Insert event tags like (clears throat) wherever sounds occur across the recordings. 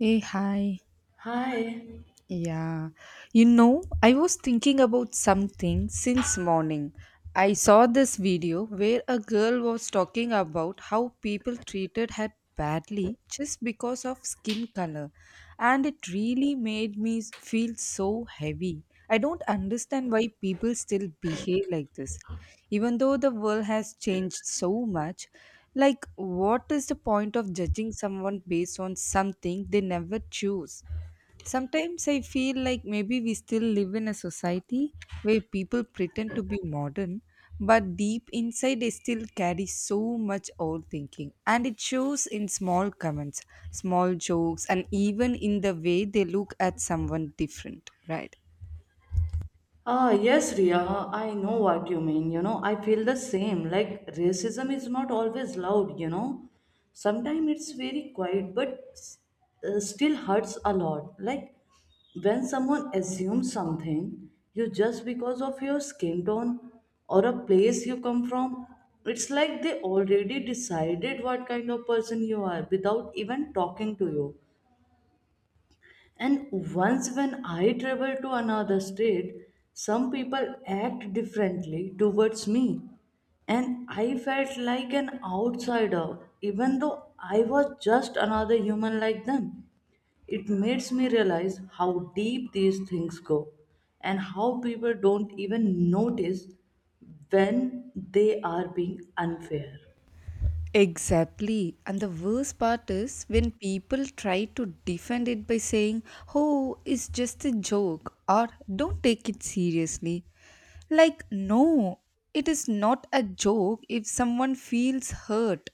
Hey, hi. Hi. Yeah. You know, I was thinking about something since morning. I saw this video where a girl was talking about how people treated her badly just because of skin color, and it really made me feel so heavy. I don't understand why people still behave like this. Even though the world has changed so much, like, what is the point of judging someone based on something they never choose? Sometimes I feel like maybe we still live in a society where people pretend to be modern, but deep inside they still carry so much old thinking. And it shows in small comments, small jokes, and even in the way they look at someone different, right? Yes, Ria, I know what you mean. I feel the same. Like, racism is not always loud. Sometimes it's very quiet, but still hurts a lot. Like, when someone assumes something, you just because of your skin tone or a place you come from, it's like they already decided what kind of person you are without even talking to you. And once when I travel to another state, some people act differently towards me. And I felt like an outsider, even though I was just another human like them. It makes me realize how deep these things go and how people don't even notice when they are being unfair. Exactly. And the worst part is when people try to defend it by saying, oh, it's just a joke or don't take it seriously. Like, no, it is not a joke if someone feels hurt.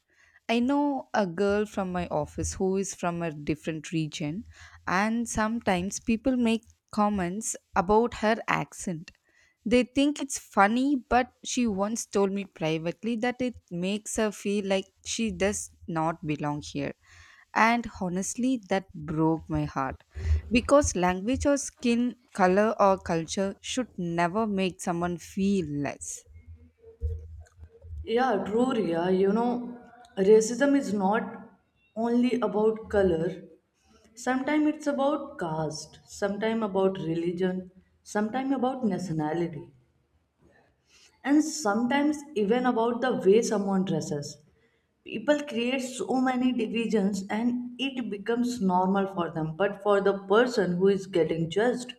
I know a girl from my office who is from a different region, and sometimes people make comments about her accent. They think it's funny, but she once told me privately that it makes her feel like she does not belong here, and honestly that broke my heart because language or skin color or culture should never make someone feel less. Yeah, true, Ria. Racism is not only about color. Sometimes it's about caste, sometimes about religion, sometimes about nationality, and sometimes even about the way someone dresses. People create so many divisions and it becomes normal for them, but for the person who is getting judged,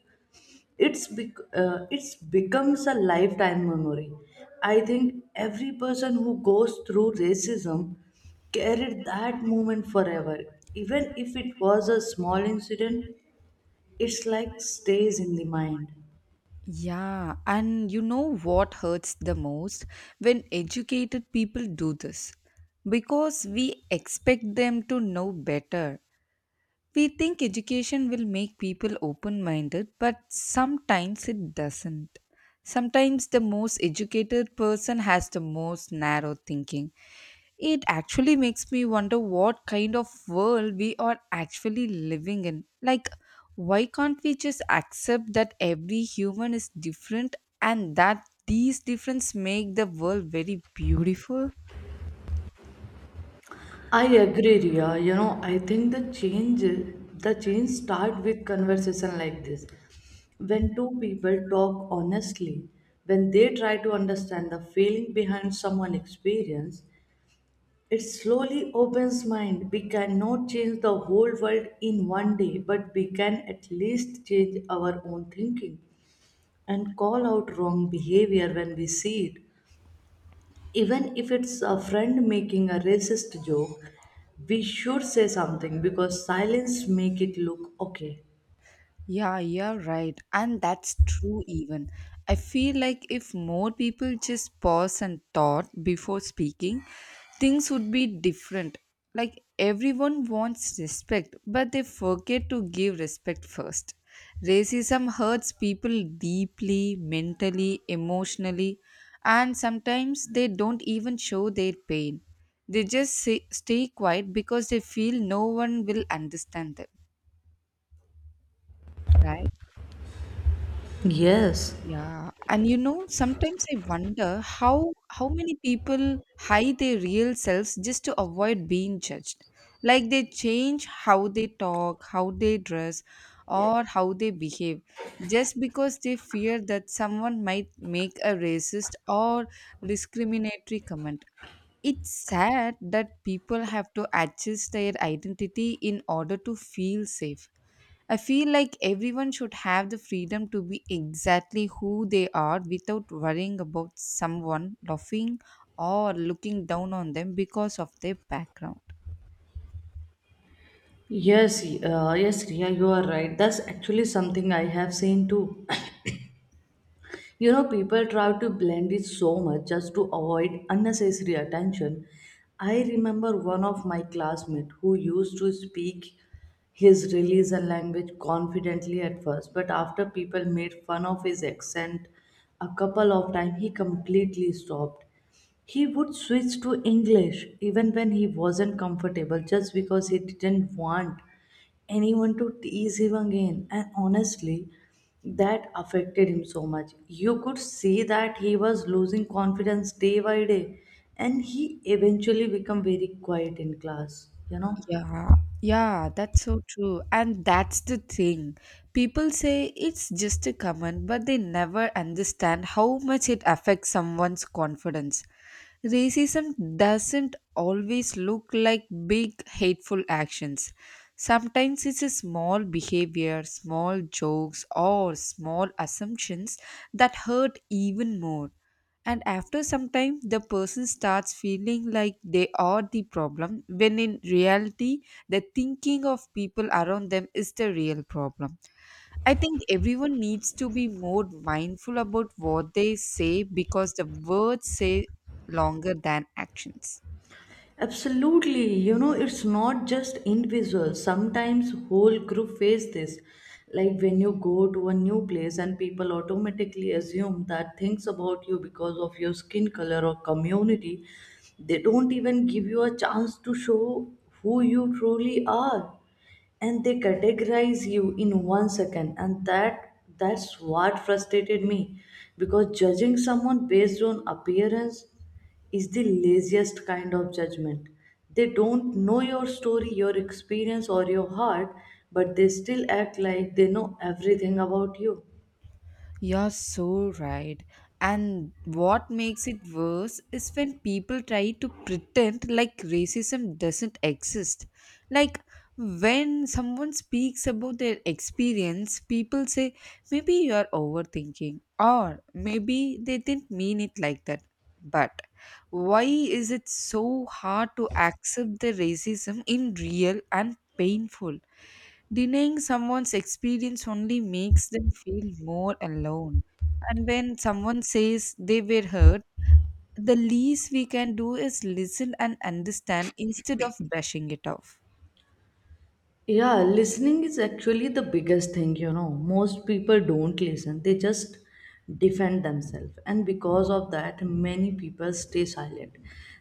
it's becomes a lifetime memory. I think every person who goes through racism carried that moment forever, even if it was a small incident. It's like stays in the mind. Yeah, and you know what hurts the most? When educated people do this, because we expect them to know better. We think education will make people open minded, but sometimes it doesn't. Sometimes the most educated person has the most narrow thinking. It actually makes me wonder what kind of world we are actually living in. Like, why can't we just accept that every human is different and that these differences make the world very beautiful? I agree, Ria. I think the change start with conversation like this, when two people talk honestly, when they try to understand the feeling behind someone's experience. It slowly opens mind. We cannot change the whole world in one day, but we can at least change our own thinking and call out wrong behavior when we see it. Even if it's a friend making a racist joke, we should say something because silence make it look okay. Yeah, you're right. And that's true, even. I feel like if more people just pause and thought before speaking, things would be different. Like, everyone wants respect, but they forget to give respect first. Racism hurts people deeply, mentally, emotionally, and sometimes they don't even show their pain. They just say, stay quiet because they feel no one will understand them, right? Yes, Yeah, and you know, sometimes I wonder how many people hide their real selves just to avoid being judged. Like they change how they talk, how they dress, or how they behave just because they fear that someone might make a racist or discriminatory comment. It's sad that people have to adjust their identity in order to feel safe. I feel like everyone should have the freedom to be exactly who they are without worrying about someone laughing or looking down on them because of their background. yes, Riya, you are right. That's actually something I have seen too. People try to blend it so much just to avoid unnecessary attention. I remember one of my classmates who used to speak his religion language confidently at first, but after people made fun of his accent a couple of times, he completely stopped. He would switch to English even when he wasn't comfortable just because he didn't want anyone to tease him again. And honestly, that affected him so much. You could see that he was losing confidence day by day, and he eventually became very quiet in class. Yeah, yeah, that's so true. And that's the thing. People say it's just a comment, but they never understand how much it affects someone's confidence. Racism doesn't always look like big hateful actions. Sometimes it's a small behavior, small jokes, or small assumptions that hurt even more. And after some time, the person starts feeling like they are the problem, when in reality, the thinking of people around them is the real problem. I think everyone needs to be more mindful about what they say because the words say longer than actions. Absolutely. It's not just individual. Sometimes whole group face this. Like when you go to a new place and people automatically assume that things about you because of your skin color or community, they don't even give you a chance to show who you truly are, and they categorize you in one second, and that's what frustrated me, because judging someone based on appearance is the laziest kind of judgment. They don't know your story, your experience, or your heart, but they still act like they know everything about you. You're so right. And what makes it worse is when people try to pretend like racism doesn't exist. Like when someone speaks about their experience, people say, maybe you're overthinking, or maybe they didn't mean it like that. But why is it so hard to accept the racism in real and painful? Denying someone's experience only makes them feel more alone. And when someone says they were hurt, the least we can do is listen and understand instead of brushing it off. Yeah, listening is actually the biggest thing. Most people don't listen, they just defend themselves. And because of that, many people stay silent.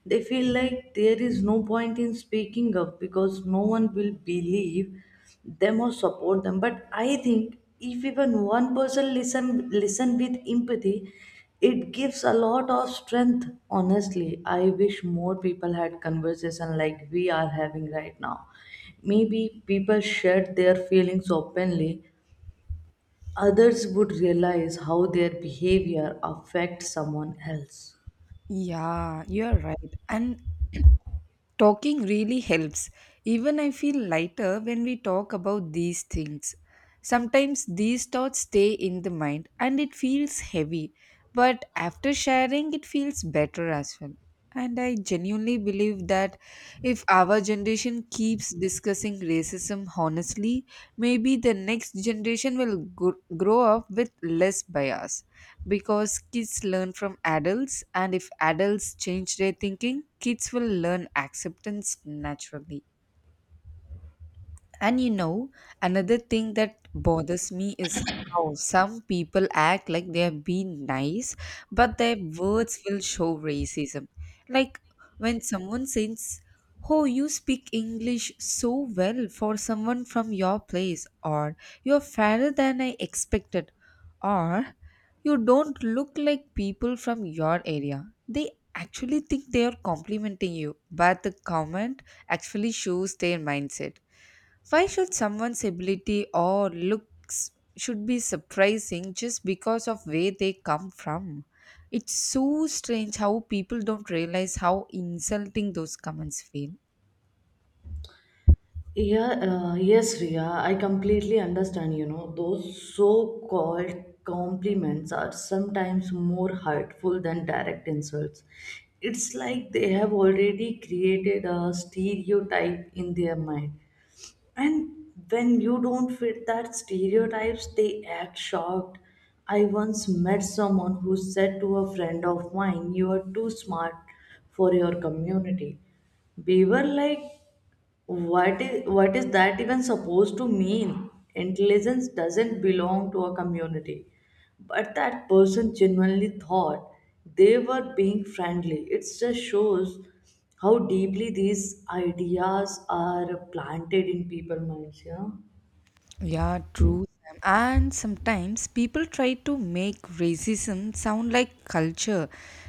They feel like there is no point in speaking up because no one will believe them or support them. But I think if even one person listen with empathy, it gives a lot of strength. Honestly, I wish more people had conversation like we are having right now. Maybe people shared their feelings openly, others would realize how their behavior affects someone else. Yeah, you're right. And talking really helps. Even I feel lighter when we talk about these things. Sometimes these thoughts stay in the mind and it feels heavy, but after sharing, it feels better as well. And I genuinely believe that if our generation keeps discussing racism honestly, maybe the next generation will grow up with less bias, because kids learn from adults, and if adults change their thinking, kids will learn acceptance naturally. And you know, another thing that bothers me is how some people act like they have been nice, but their words will show racism. Like when someone says, oh, you speak English so well for someone from your place, or you're fairer than I expected, or you don't look like people from your area. They actually think they are complimenting you, but the comment actually shows their mindset. Why should someone's ability or looks should be surprising just because of where they come from? It's so strange how people don't realize how insulting those comments feel. Yeah, yes, Ria, I completely understand. Those so called compliments are sometimes more hurtful than direct insults. It's like they have already created a stereotype in their mind. And when you don't fit that stereotypes, they act shocked. I once met someone who said to a friend of mine, "You are too smart for your community." We were like, what is that even supposed to mean? Intelligence doesn't belong to a community. But that person genuinely thought they were being friendly. It just shows how deeply these ideas are planted in people's minds. Yeah, true. Sam. And sometimes people try to make racism sound like culture.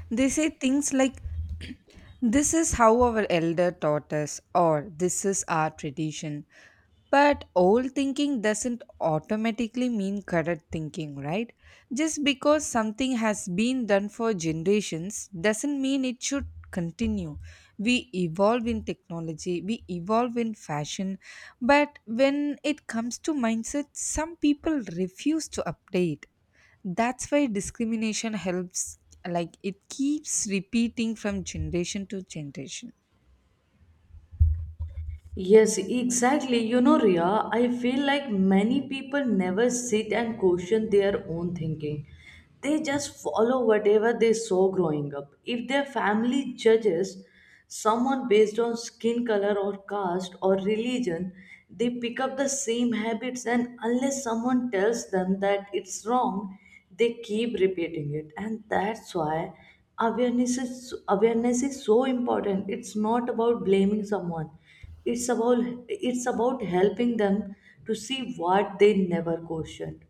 They say things like, (clears throat) this is how our elder taught us, or this is our tradition. But old thinking doesn't automatically mean correct thinking, right? Just because something has been done for generations doesn't mean it should continue. We evolve in technology, we evolve in fashion, but when it comes to mindset, some people refuse to update. That's why discrimination helps, like, it keeps repeating from generation to generation. Yes, exactly. Ria, I feel like many people never sit and question their own thinking. They just follow whatever they saw growing up. If their family judges someone based on skin color or caste or religion, they pick up the same habits, and unless someone tells them that it's wrong, they keep repeating it. And that's why awareness is so important. It's not about blaming someone, it's about it's about helping them to see what they never questioned.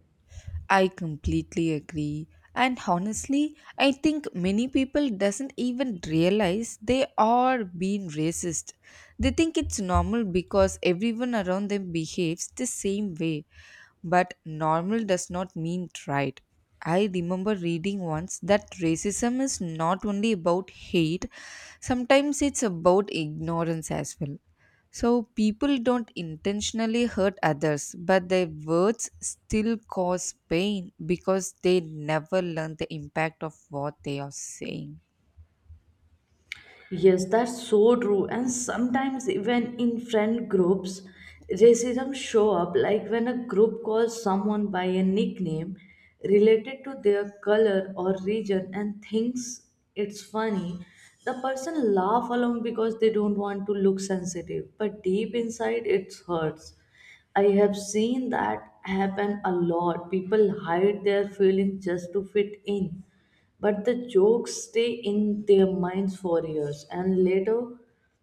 I completely agree. And honestly, I think many people doesn't even realize they are being racist. They think it's normal because everyone around them behaves the same way. But normal does not mean right. I remember reading once that racism is not only about hate, sometimes it's about ignorance as well. So people don't intentionally hurt others, but their words still cause pain because they never learn the impact of what they are saying. Yes, that's so true. And sometimes even in friend groups, racism show up, like when a group calls someone by a nickname related to their color or region and thinks it's funny. The person laugh along because they don't want to look sensitive, but deep inside it hurts. I have seen that happen a lot. People hide their feelings just to fit in, but the jokes stay in their minds for years, and later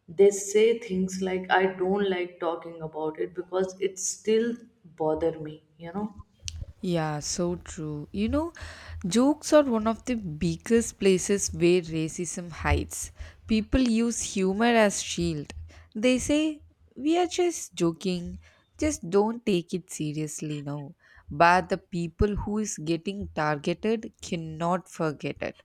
they say things like, I don't like talking about it because it still bother me, you know? Yeah, so true. You know, jokes are one of the biggest places where racism hides. People use humor as shield. They say, "We are just joking. Just don't take it seriously now." But the people who is getting targeted cannot forget it.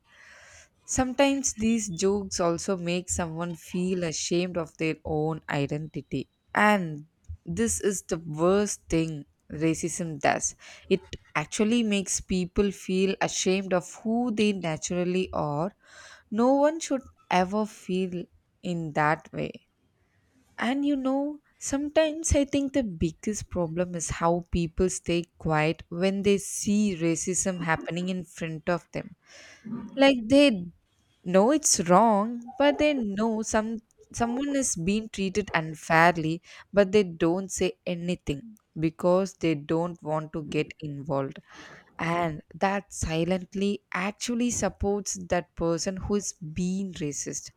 Sometimes these jokes also make someone feel ashamed of their own identity. And this is the worst thing racism does. It actually makes people feel ashamed of who they naturally are. No one should ever feel in that way. And you know, sometimes I think the biggest problem is how people stay quiet when they see racism happening in front of them, like they know it's wrong, but they know someone is being treated unfairly, but they don't say anything because they don't want to get involved. And that silently actually supports that person who is being racist.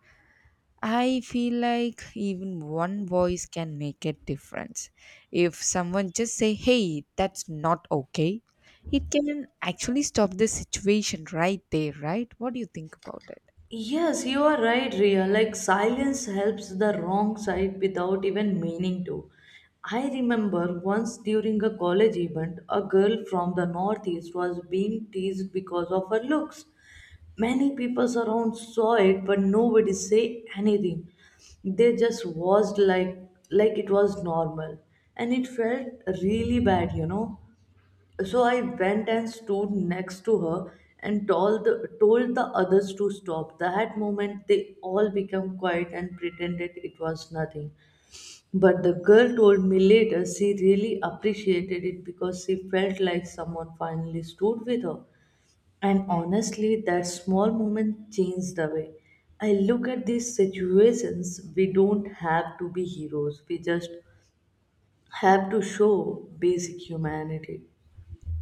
I feel like even one voice can make a difference. If someone just say, "Hey, that's not okay," it can actually stop the situation right there, right? What do you think about it? Yes, you are right, Ria. Like silence helps the wrong side without even meaning to. I remember once during a college event, a girl from the northeast was being teased because of her looks. Many people around saw it but nobody say anything. They just watched like it was normal. And it felt really bad. So I went and stood next to her and told the others to stop. That moment they all became quiet and pretended it was nothing. But the girl told me later she really appreciated it because she felt like someone finally stood with her. And honestly, that small moment changed the way I look at these situations. We don't have to be heroes, we just have to show basic humanity.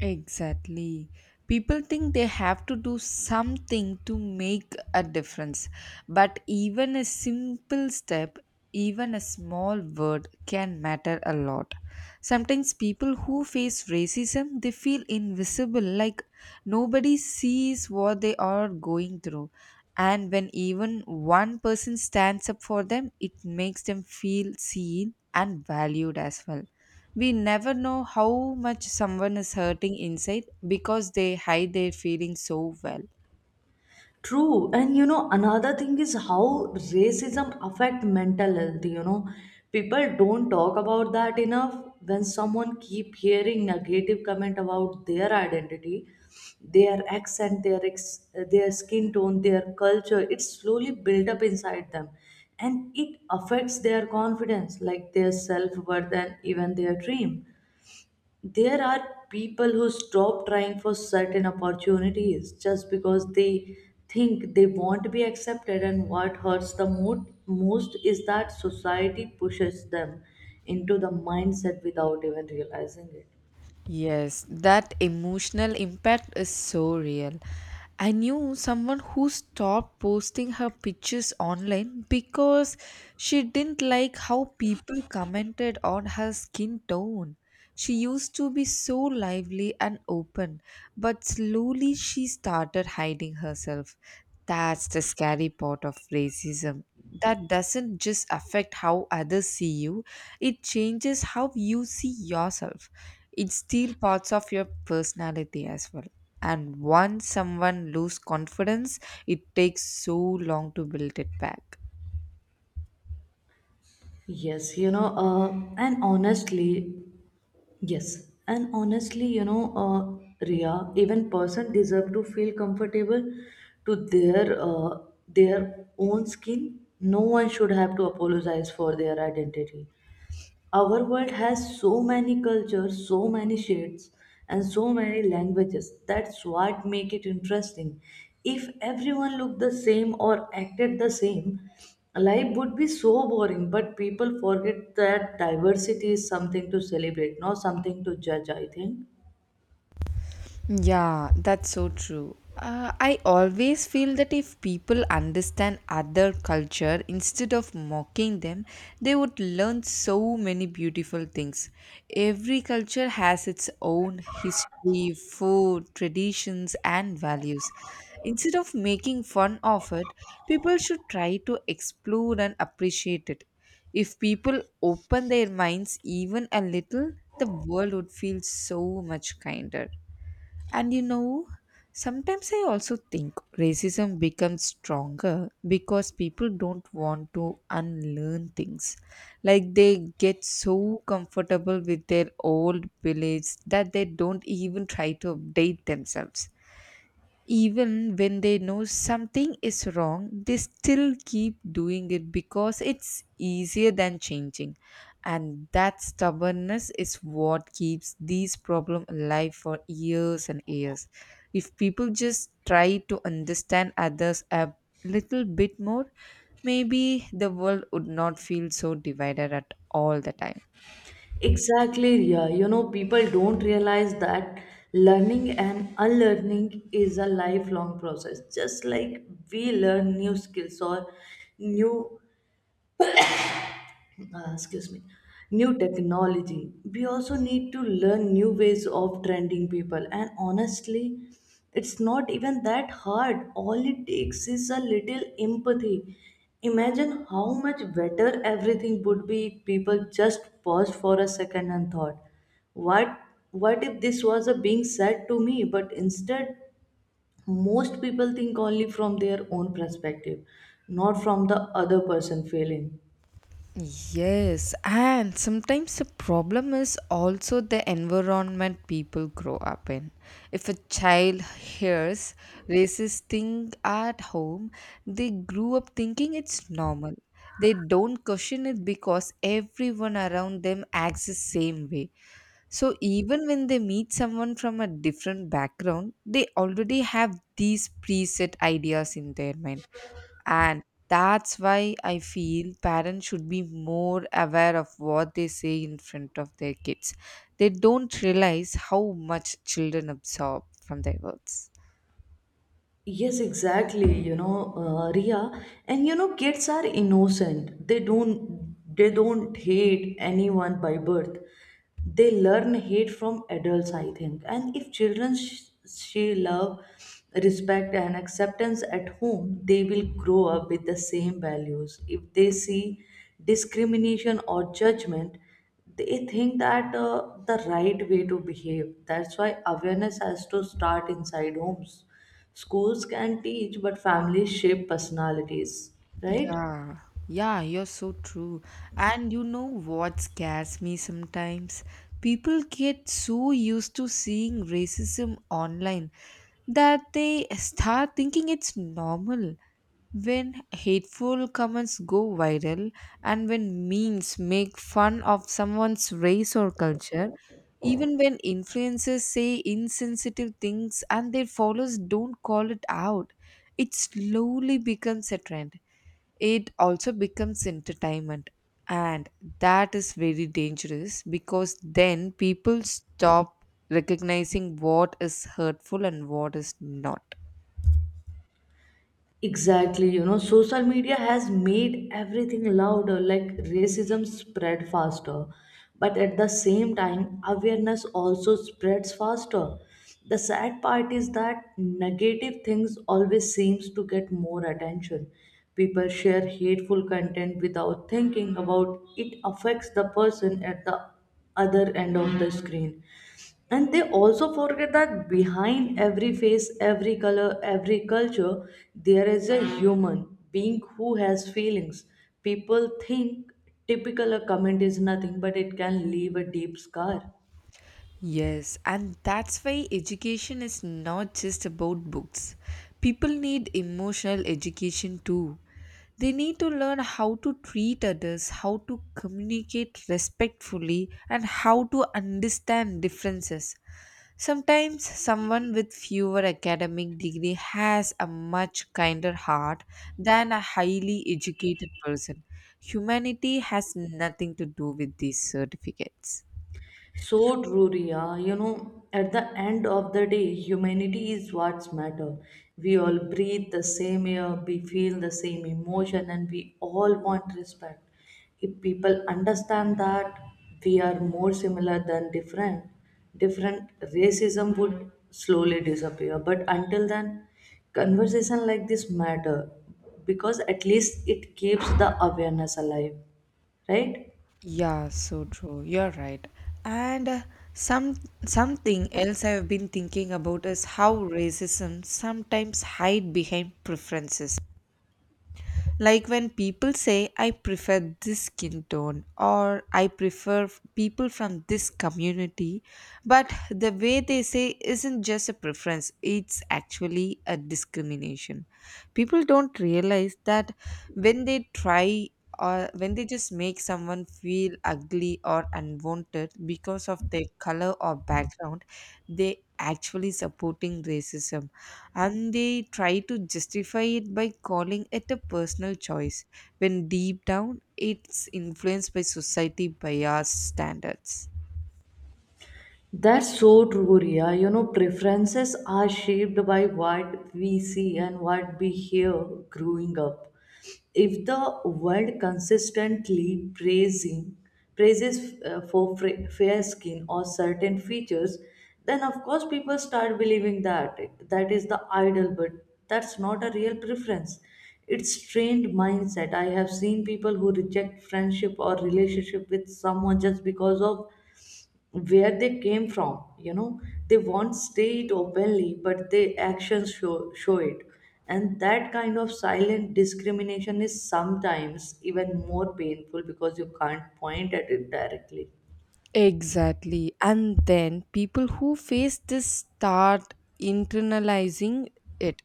Exactly. People think they have to do something to make a difference. But even a simple step, even a small word can matter a lot. Sometimes people who face racism, they feel invisible, like nobody sees what they are going through. And when even one person stands up for them, it makes them feel seen and valued as well. We never know how much someone is hurting inside because they hide their feelings so well. True, and you know another thing is how racism affect mental health. People don't talk about that enough. When someone keep hearing negative comment about their identity, their accent, their skin tone, their culture, it slowly build up inside them, and it affects their confidence, like their self worth, and even their dream. There are people who stop trying for certain opportunities just because they think they won't be accepted, and what hurts the most is that society pushes them into the mindset without even realizing it. Yes, that emotional impact is so real. I knew someone who stopped posting her pictures online because she didn't like how people commented on her skin tone. She used to be so lively and open, but slowly she started hiding herself. That's the scary part of racism. That doesn't just affect how others see you, it changes how you see yourself. It steals parts of your personality as well. And once someone loses confidence, it takes so long to build it back. Yes you know uh, and honestly Yes, and honestly, Ria, even person deserve to feel comfortable to their own skin. No one should have to apologize for their identity. Our world has so many cultures, so many shades, and so many languages. That's what make it interesting. If everyone looked the same or acted the same, life would be so boring, but people forget that diversity is something to celebrate, not something to judge, I think. Yeah, that's so true. I always feel that if people understand other culture instead of mocking them, they would learn so many beautiful things. Every culture has its own history, food, traditions, and values. Instead of making fun of it, people should try to explore and appreciate it. If people open their minds even a little, the world would feel so much kinder. And you know, sometimes I also think racism becomes stronger because people don't want to unlearn things. Like they get so comfortable with their old beliefs that they don't even try to update themselves. Even when they know something is wrong, they still keep doing it because it's easier than changing. And that stubbornness is what keeps these problems alive for years and years. If people just try to understand others a little bit more, maybe the world would not feel so divided at all the time. Exactly, yeah. People don't realize that learning and unlearning is a lifelong process, just like we learn new skills or new excuse me new technology. We also need to learn new ways of trending people, and honestly, it's not even that hard. All it takes is a little empathy. Imagine how much better everything would be if people just paused for a second and thought, what what if this was a being said to me? But instead, most people think only from their own perspective, not from the other person feeling. Yes, and sometimes the problem is also the environment people grow up in. If a child hears racist thing at home, they grew up thinking it's normal. They don't question it because everyone around them acts the same way. So even when they meet someone from a different background, they already have these preset ideas in their mind. And that's why I feel parents should be more aware of what they say in front of their kids. They don't realize how much children absorb from their words. Yes, exactly. Ria, and kids are innocent. They don't hate anyone by birth. They learn hate from adults, I think. And if children she love, respect, and acceptance at home, they will grow up with the same values. If they see discrimination or judgment, they think that the right way to behave. That's why awareness has to start inside homes. Schools can teach, but families shape personalities, right? Yeah, yeah, you're so true. And you know what scares me sometimes? People get so used to seeing racism online that they start thinking it's normal. When hateful comments go viral and when memes make fun of someone's race or culture, even when influencers say insensitive things and their followers don't call it out, it slowly becomes a trend, it also becomes entertainment, and that is very dangerous because then people stop recognizing what is hurtful and what is not. Exactly. Social media has made everything louder, like racism spread faster. But at the same time, awareness also spreads faster. The sad part is that negative things always seems to get more attention. People share hateful content without thinking about it affects the person at the other end of the screen. And they also forget that behind every face, every color, every culture, there is a human being who has feelings. People think typical a comment is nothing, but it can leave a deep scar. Yes, and that's why education is not just about books. People need emotional education too. They need to learn how to treat others, how to communicate respectfully, and how to understand differences. Sometimes someone with fewer academic degree has a much kinder heart than a highly educated person. Humanity has nothing to do with these certificates. So true, Riya. At the end of the day, humanity is what's matter. We all breathe the same air, we feel the same emotion, and we all want respect. If people understand that we are more similar than different, different racism would slowly disappear. But until then, conversation like this matter because at least it keeps the awareness alive, right? Yeah, so true. You're right. And some something else I've been thinking about is how racism sometimes hide behind preferences. Like when people say, I prefer this skin tone or I prefer people from this community, but the way they say isn't just a preference, it's actually a discrimination. People don't realize that when they try or when they just make someone feel ugly or unwanted because of their color or background, they actually supporting racism, and they try to justify it by calling it a personal choice when deep down it's influenced by society bias standards. That's so true, Ria. Preferences are shaped by what we see and what we hear growing up. If the world consistently praising praises for fair skin or certain features, then of course people start believing that that is the ideal, but that's not a real preference. It's strained mindset. I have seen people who reject friendship or relationship with someone just because of where they came from. They won't state it openly, but their actions show it. And that kind of silent discrimination is sometimes even more painful because you can't point at it directly. Exactly. And then people who face this start internalizing it.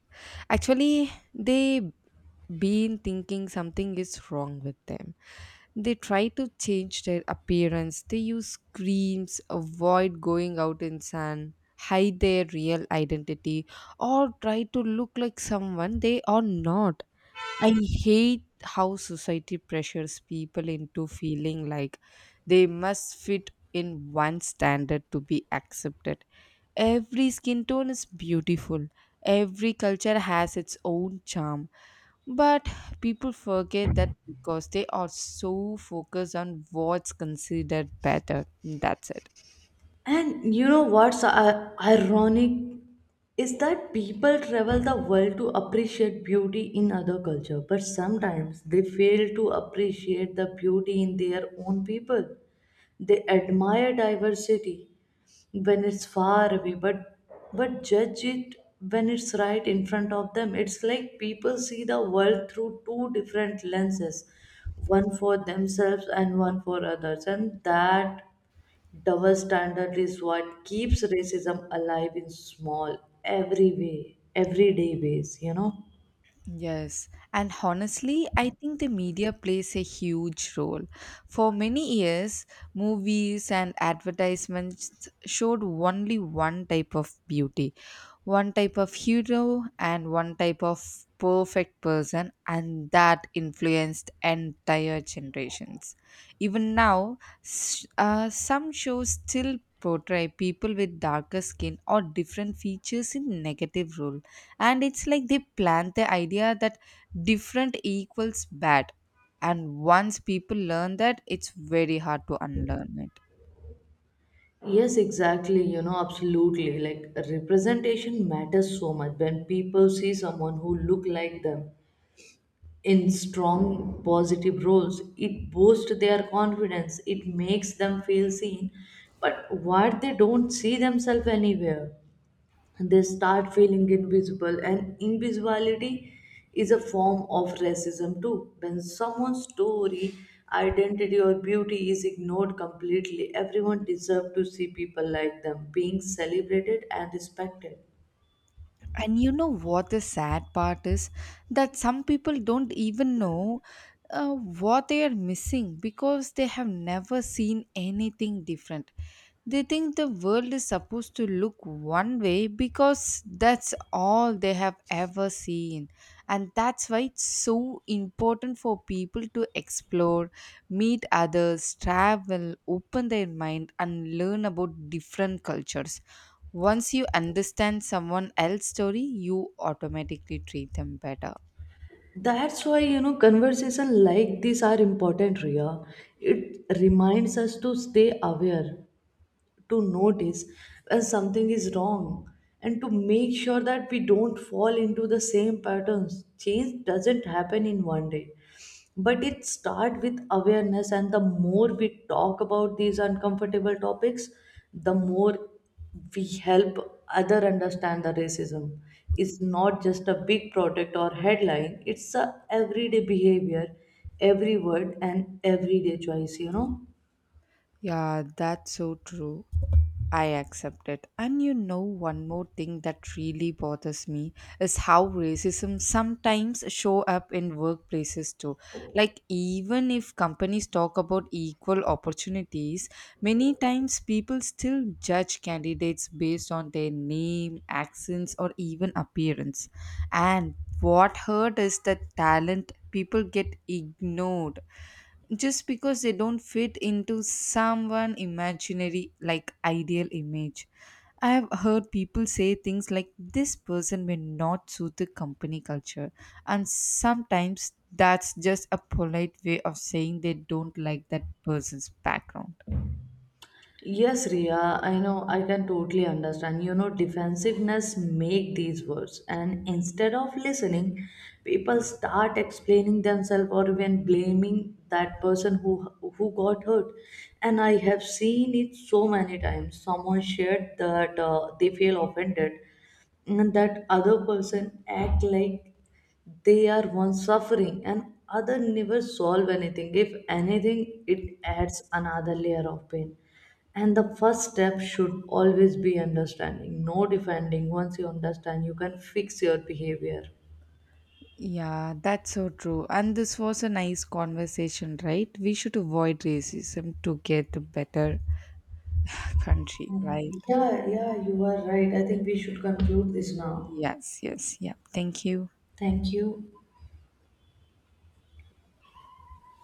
Actually, they been thinking something is wrong with them. They try to change their appearance, they use creams, avoid going out in sun, hide their real identity, or try to look like someone they are not. I hate how society pressures people into feeling like they must fit in one standard to be accepted. Every skin tone is beautiful. Every culture has its own charm, but people forget that because they are so focused on what's considered better. That's it. And you know what's ironic is that people travel the world to appreciate beauty in other culture, but sometimes they fail to appreciate the beauty in their own people. They admire diversity when it's far away, but judge it when it's right in front of them. It's like people see the world through two different lenses, one for themselves and one for others, and that double standard is what keeps racism alive in small, everyday ways. Yes. And honestly, I think the media plays a huge role. For many years, movies and advertisements showed only one type of beauty, one type of hero, and one type of perfect person, and that influenced entire generations. Even now, some shows still portray people with darker skin or different features in negative role, and it's like they plant the idea that different equals bad, and once people learn that it's very hard to unlearn it. Yes, exactly. Absolutely. Like representation matters so much. When people see someone who look like them in strong positive roles, it boosts their confidence. It makes them feel seen. But what they don't see themselves anywhere, they start feeling invisible, and invisibility is a form of racism too. When someone's story, identity or beauty is ignored completely, everyone deserves to see people like them being celebrated and respected. And you know what the sad part is? That some people don't even know what they are missing because they have never seen anything different. They think the world is supposed to look one way because that's all they have ever seen. And that's why it's so important for people to explore, meet others, travel, open their mind, and learn about different cultures. Once you understand someone else's story, you automatically treat them better. That's why conversation like this are important, Ria. It reminds us to stay aware, to notice when something is wrong, and to make sure that we don't fall into the same patterns. Change doesn't happen in one day, but it starts with awareness. And the more we talk about these uncomfortable topics, the more we help other understand that racism is not just a big product or headline. It's a everyday behavior, every word and everyday choice. Yeah, that's so true. I accept it. And you know, one more thing that really bothers me is how racism sometimes show up in workplaces too. Like even if companies talk about equal opportunities, many times people still judge candidates based on their name, accents, or even appearance. And what hurt is that talent people get ignored just because they don't fit into someone imaginary like ideal image. I have heard people say things like this person may not suit the company culture, and sometimes that's just a polite way of saying they don't like that person's background. Yes, Ria, I know I can totally understand. Defensiveness make these words, and instead of listening, people start explaining themselves or even blaming that person who got hurt. And I have seen it so many times. Someone shared that they feel offended, and that other person act like they are one suffering, and other never solve anything. If anything, it adds another layer of pain, and the first step should always be understanding, no defending. Once you understand, you can fix your behavior. Yeah, that's so true. And this was a nice conversation, right? We should avoid racism to get a better country, right? Yeah, yeah, you are right. I think we should conclude this now. Yes, yes, yeah. Thank you. Thank you.